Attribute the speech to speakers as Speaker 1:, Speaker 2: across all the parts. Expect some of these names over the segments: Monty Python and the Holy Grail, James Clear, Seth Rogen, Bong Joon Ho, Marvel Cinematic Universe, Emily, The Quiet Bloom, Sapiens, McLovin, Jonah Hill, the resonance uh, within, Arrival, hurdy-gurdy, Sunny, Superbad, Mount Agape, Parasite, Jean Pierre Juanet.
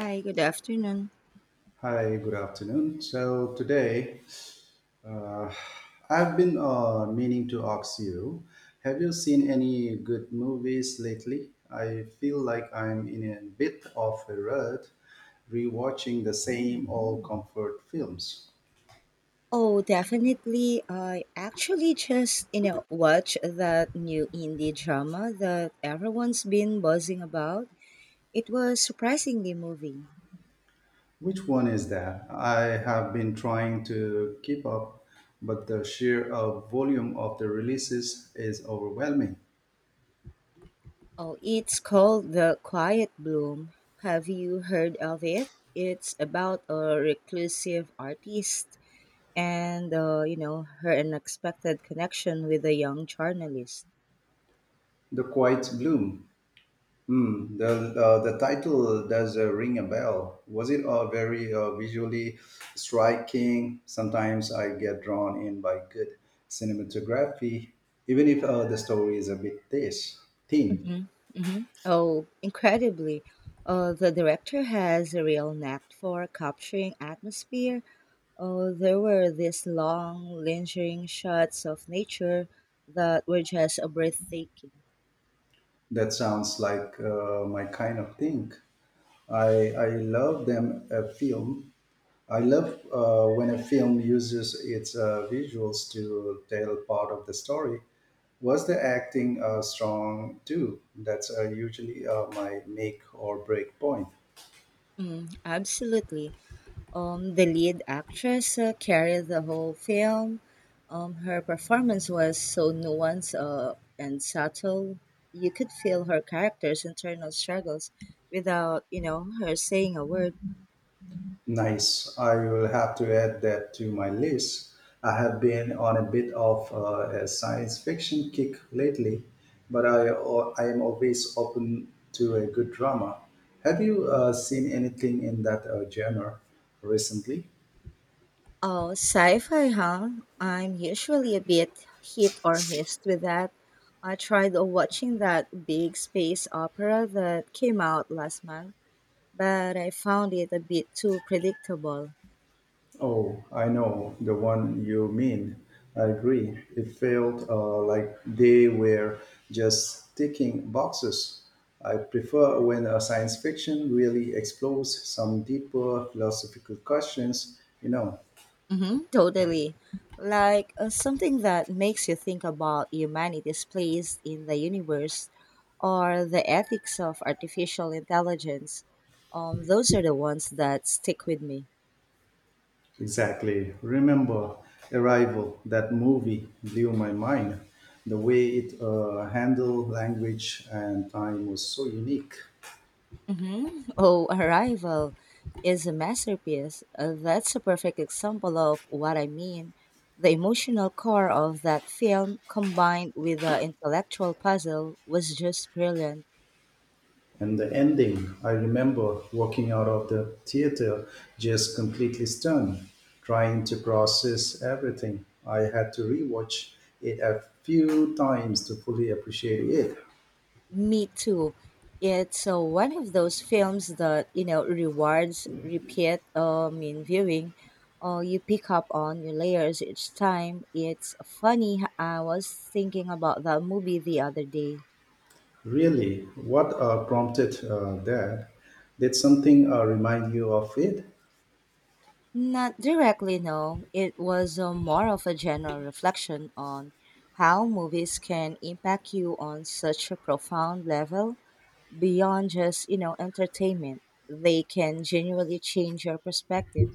Speaker 1: Hi, good afternoon.
Speaker 2: Hi, good afternoon. So today, uh, I've been meaning to ask you, have you seen any good movies lately? I feel like I'm in a bit of a rut, rewatching the same old comfort films.
Speaker 1: Oh, definitely. I actually just, watched that new indie drama that everyone's been buzzing about. It was surprisingly moving.
Speaker 2: Which one is that? I have been trying to keep up, but the sheer volume of the releases is overwhelming.
Speaker 1: Oh, it's called The Quiet Bloom. Have you heard of it? It's about a reclusive artist and her unexpected connection with a young journalist.
Speaker 2: The Quiet Bloom. Hmm, the the title does ring a bell. Was it very visually striking? Sometimes I get drawn in by good cinematography, even if the story is a bit this thin.
Speaker 1: Hmm. Oh, incredibly. The director has a real knack for capturing atmosphere. There were these long, lingering shots of nature that were just breathtaking.
Speaker 2: That sounds like my kind of thing. I love them a film. I love when a film uses its visuals to tell part of the story. Was the acting strong too? That's usually my make or break point.
Speaker 1: Mm, absolutely. The lead actress carried the whole film. Her performance was so nuanced and subtle. You could feel her character's internal struggles without her saying a word.
Speaker 2: Nice. I will have to add that to my list. I have been on a bit of a science fiction kick lately, but I am always open to a good drama. Have you seen anything in that genre recently?
Speaker 1: Oh, sci-fi, huh? I'm usually a bit hit or miss with that. I tried watching that big space opera that came out last month, but I found it a bit too predictable.
Speaker 2: Oh, I know the one you mean. I agree. It felt like they were just ticking boxes. I prefer when a science fiction really explores some deeper philosophical questions, you know.
Speaker 1: Hmm, totally. Like something that makes you think about humanity's place in the universe or the ethics of artificial intelligence. Those are the ones that stick with me.
Speaker 2: Exactly. Remember Arrival, that movie blew my mind. The way it handled language and time was so unique.
Speaker 1: Hmm. Oh, Arrival is a masterpiece. That's a perfect example of what I mean. The emotional core of that film, combined with the intellectual puzzle, was just brilliant.
Speaker 2: And the ending, I remember walking out of the theater just completely stunned, trying to process everything. I had to rewatch it a few times to fully appreciate it.
Speaker 1: Me too. It's one of those films that rewards repeat in viewing, or you pick up on new layers each time. It's funny. I was thinking about that movie the other day.
Speaker 2: Really, what prompted that? Did something remind you of it?
Speaker 1: Not directly, no. It was more of a general reflection on how movies can impact you on such a profound level beyond just entertainment. They can genuinely change your perspective.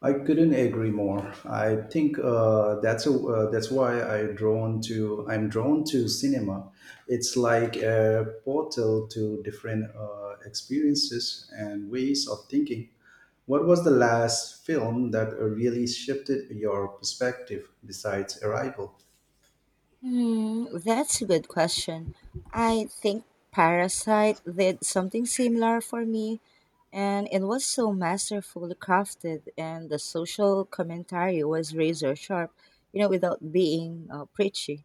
Speaker 2: I couldn't agree more. I think that's why I'm drawn to cinema. It's like a portal to different experiences and ways of thinking. What was the last film that really shifted your perspective besides Arrival?
Speaker 1: Hmm, that's a good question. I think Parasite did something similar for me, and it was so masterfully crafted, and the social commentary was razor sharp, without being preachy.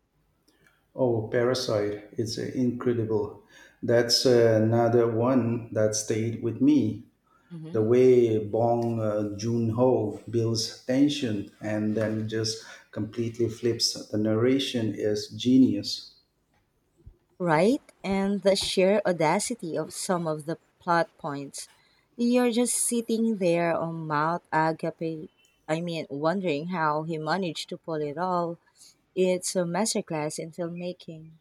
Speaker 2: Oh, Parasite! It's incredible. That's another one that stayed with me. The
Speaker 1: Hmm,
Speaker 2: way Bong Joon Ho builds tension and then just completely flips the narration is genius.
Speaker 1: right? And the sheer audacity of some of the plot points. You're just sitting there on Mount Agape, I mean, wondering how he managed to pull it all. It's a masterclass in filmmaking.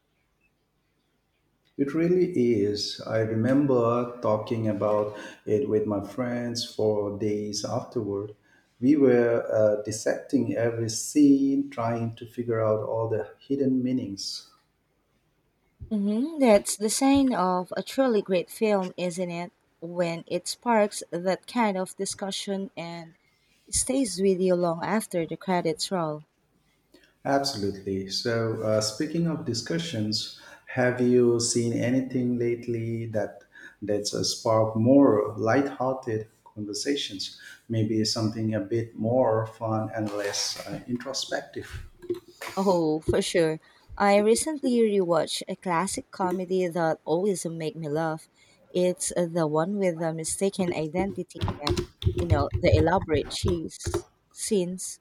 Speaker 2: It really is. I remember talking about it with my friends for days afterward. We were dissecting every scene, trying to figure out all the hidden meanings.
Speaker 1: Hmm. That's the sign of a truly great film, isn't it? When it sparks that kind of discussion and stays with you long after the credits roll.
Speaker 2: Absolutely. So, speaking of discussions, have you seen anything lately that that's sparked more light-hearted conversations? Maybe something a bit more fun and less introspective.
Speaker 1: Oh, for sure. I recently rewatched a classic comedy that always make me laugh. It's the one with the mistaken identity and, the elaborate cheese scenes.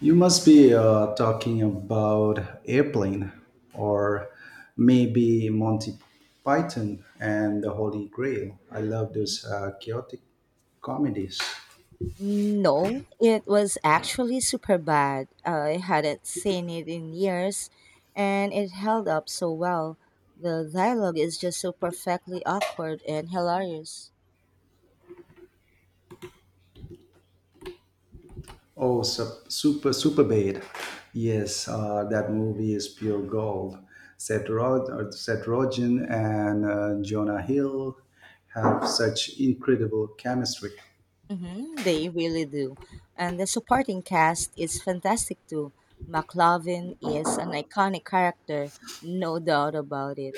Speaker 2: You must be talking about airplane, or maybe Monty Python and the Holy Grail. I love
Speaker 1: Mhm.
Speaker 2: those chaotic comedies.
Speaker 1: No, it was actually super bad. I hadn't seen it in years, and it held up so well. The dialogue is just so perfectly awkward and hilarious.
Speaker 2: Oh, super, super bad. Yes, that movie is pure gold. Seth Rogen and Jonah Hill have such incredible chemistry.
Speaker 1: Hmm, they really do. And the supporting cast is fantastic too. McLovin is an iconic character, no doubt about it.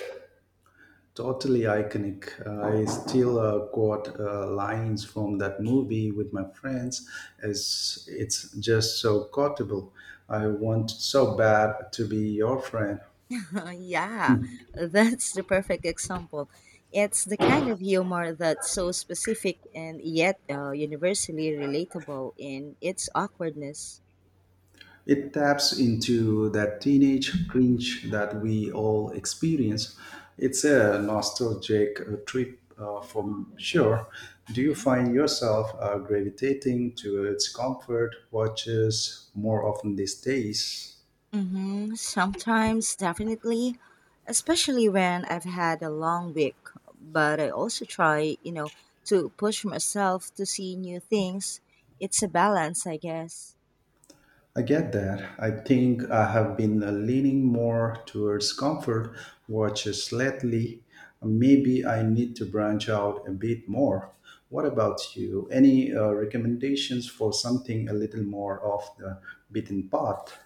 Speaker 2: Totally iconic. I still quote lines from that movie with my friends. As it's just so quotable. I want so bad to be your friend.
Speaker 1: Yeah, that's the perfect example. It's the kind of humor that's so specific and yet universally relatable in its awkwardness.
Speaker 2: It taps into that teenage cringe that we all experience. It's a nostalgic trip for sure. Do you
Speaker 1: Mm-hmm.
Speaker 2: find yourself gravitating towards comfort watches more often these days?
Speaker 1: Hmm. Sometimes, definitely, especially when I've had a long week. But I also try, to push myself to see new things. It's a balance, I guess.
Speaker 2: I get that. I think I have been leaning more towards comfort watches lately. Maybe I need to branch out a bit more. What about you? Any recommendations for something a little more off the beaten path?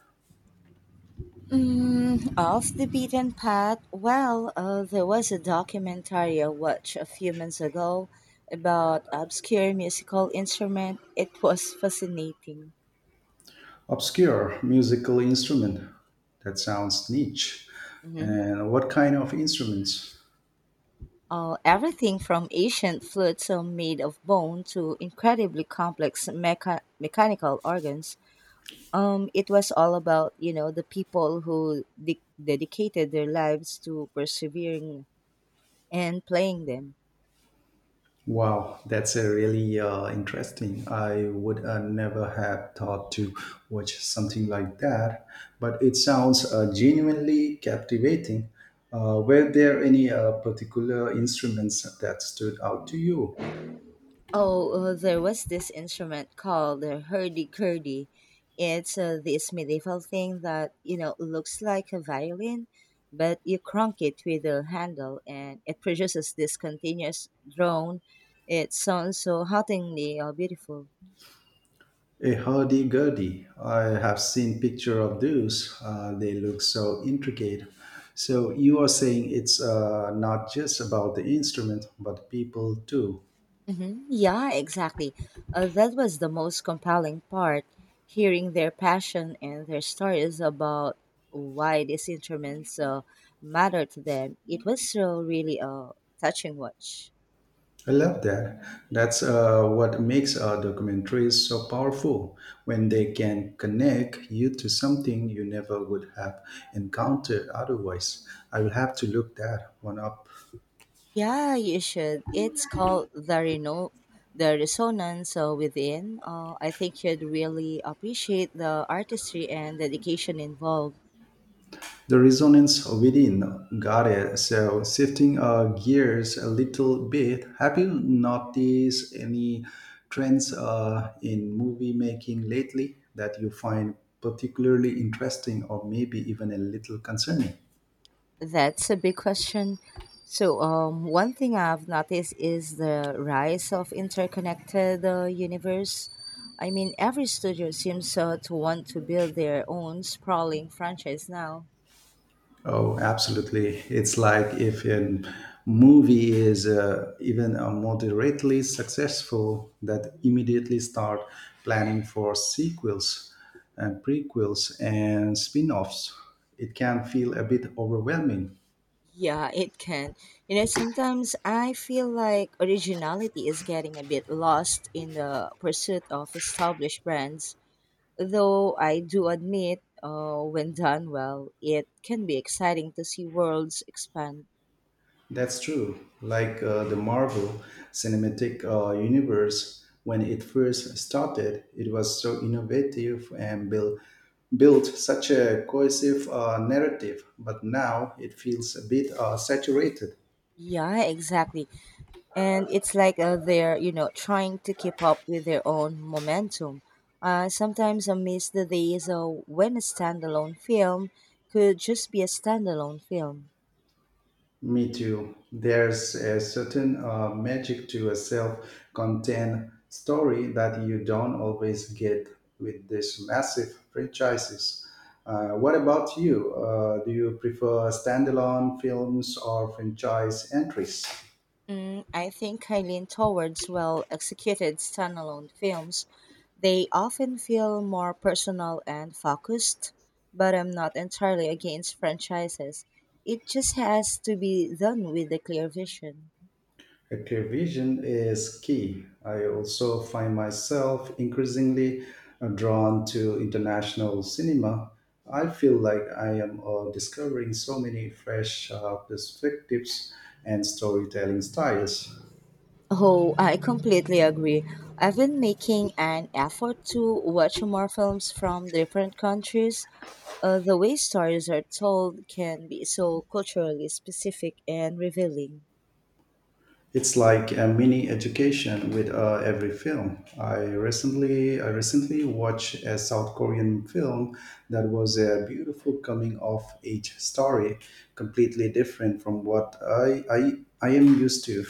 Speaker 1: Mm, off the beaten path. Well, there was a documentary I watched a few months ago about obscure musical instrument. It was fascinating.
Speaker 2: Obscure musical instrument. That sounds niche.
Speaker 1: Mhm.
Speaker 2: And what kind of instruments?
Speaker 1: Everything from ancient flutes made of bone to incredibly complex mechanical organs. It was all about the people who dedicated their lives to persevering and playing them.
Speaker 2: Wow, that's a really interesting. I would never have thought to watch something like that, but it sounds genuinely captivating. Were there any particular instruments that stood out to you?
Speaker 1: Oh, there was this instrument called the hurdy-gurdy. It's this medieval thing that, looks like a violin, but you crank it with a handle and it produces this continuous drone. It sounds so hauntingly beautiful.
Speaker 2: A hurdy-gurdy. I have seen picture of those. They look so intricate. So you are saying it's not just about the instrument, but people too.
Speaker 1: Hmm. Yeah, exactly. That was the most compelling part, hearing their passion and their stories about why these instruments matter to them. It was so really a touching watch.
Speaker 2: I love that. That's what makes documentaries so powerful when they can connect you to something you never would have encountered otherwise. I will have to look that one up.
Speaker 1: Yeah, you should. It's called the The Resonance Within. I think you'd really appreciate the artistry and dedication involved.
Speaker 2: The resonance within, got it. So shifting gears a little bit, have you noticed any trends in movie making lately that you find particularly interesting or maybe even a little concerning?
Speaker 1: That's a big question. So, one thing I've noticed is the rise of interconnected universe. I mean, every studio seems to want to build their own sprawling franchise now.
Speaker 2: Oh, absolutely. It's like if a movie is even moderately successful, that
Speaker 1: Mhm.
Speaker 2: immediately start planning for sequels and prequels and spin-offs. It can feel a bit overwhelming.
Speaker 1: Yeah, it can. You know, sometimes I feel like originality is getting a bit lost in the pursuit of established brands. Though I do admit, when done well, it can be exciting to see worlds expand.
Speaker 2: That's true. Like the Marvel Cinematic Universe, when it first started, it was so innovative and built such a cohesive narrative. But now it feels a bit saturated.
Speaker 1: Yeah, exactly. And it's like they're, you know, trying to keep up with their own momentum. Sometimes I miss the days when a standalone film could just be a standalone film.
Speaker 2: Me too. There's a certain magic to a self-contained story that you don't always get with these massive franchises. What about you? Do you prefer standalone films or franchise entries?
Speaker 1: Mm, I think I lean towards well executed standalone films. They often feel more personal and focused, but I'm not entirely against franchises. It just has to be done with a clear vision.
Speaker 2: A clear vision is key. I also find myself increasingly drawn to international cinema. I feel like I am discovering so many fresh perspectives and storytelling styles.
Speaker 1: Oh, I completely agree. I've been making an effort to watch more films from different countries. The way stories are told can be so culturally specific and revealing.
Speaker 2: It's like a mini education with every film. I recently watched a South Korean film that was a beautiful coming of age story, completely different from what I am used to.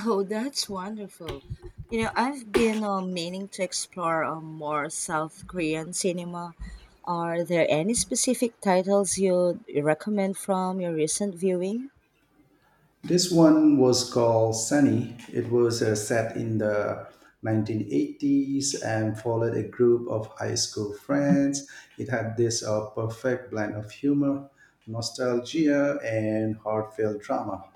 Speaker 1: Oh, that's wonderful. You know, I've been meaning to explore more South Korean cinema. Are there any specific titles you'd recommend from your recent viewing?
Speaker 2: This one was called Sunny. It was set in the 1980s and followed a group of high school friends. It had this perfect blend of humor, nostalgia, and heartfelt drama.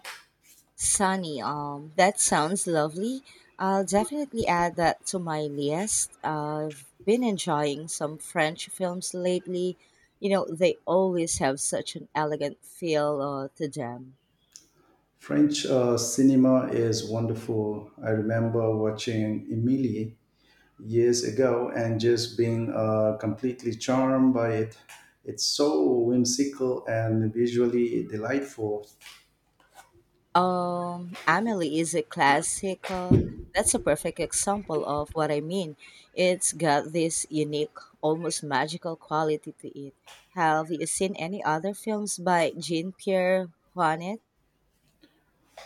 Speaker 1: Sunny, that sounds lovely. I'll definitely add that to my list. I've been enjoying some French films lately. You know, they always have such an elegant feel to them.
Speaker 2: French cinema is wonderful. I remember watching Emily years ago and just being completely charmed by it. It's so whimsical and visually delightful.
Speaker 1: Amelie is a classic. That's a perfect example of what I mean. It's got this unique, almost magical quality to it. Have you seen any other films by Jean Pierre Juanet?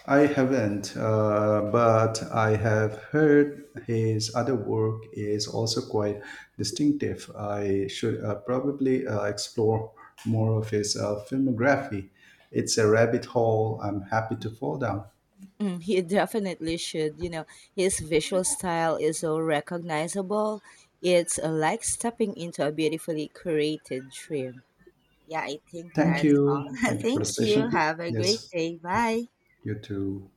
Speaker 2: I haven't, but I have heard his other work is also quite distinctive. I should probably explore more of his filmography. It's a rabbit hole I'm happy to fall down.
Speaker 1: Mm, he definitely should. You know, his visual style is so recognizable. It's like stepping into a beautifully created dream. Yeah, I think
Speaker 2: Thank
Speaker 1: that's all.
Speaker 2: you. Thank you for the
Speaker 1: Thank you.
Speaker 2: session.
Speaker 1: Have a great
Speaker 2: Yes,
Speaker 1: day. Bye.
Speaker 2: you too.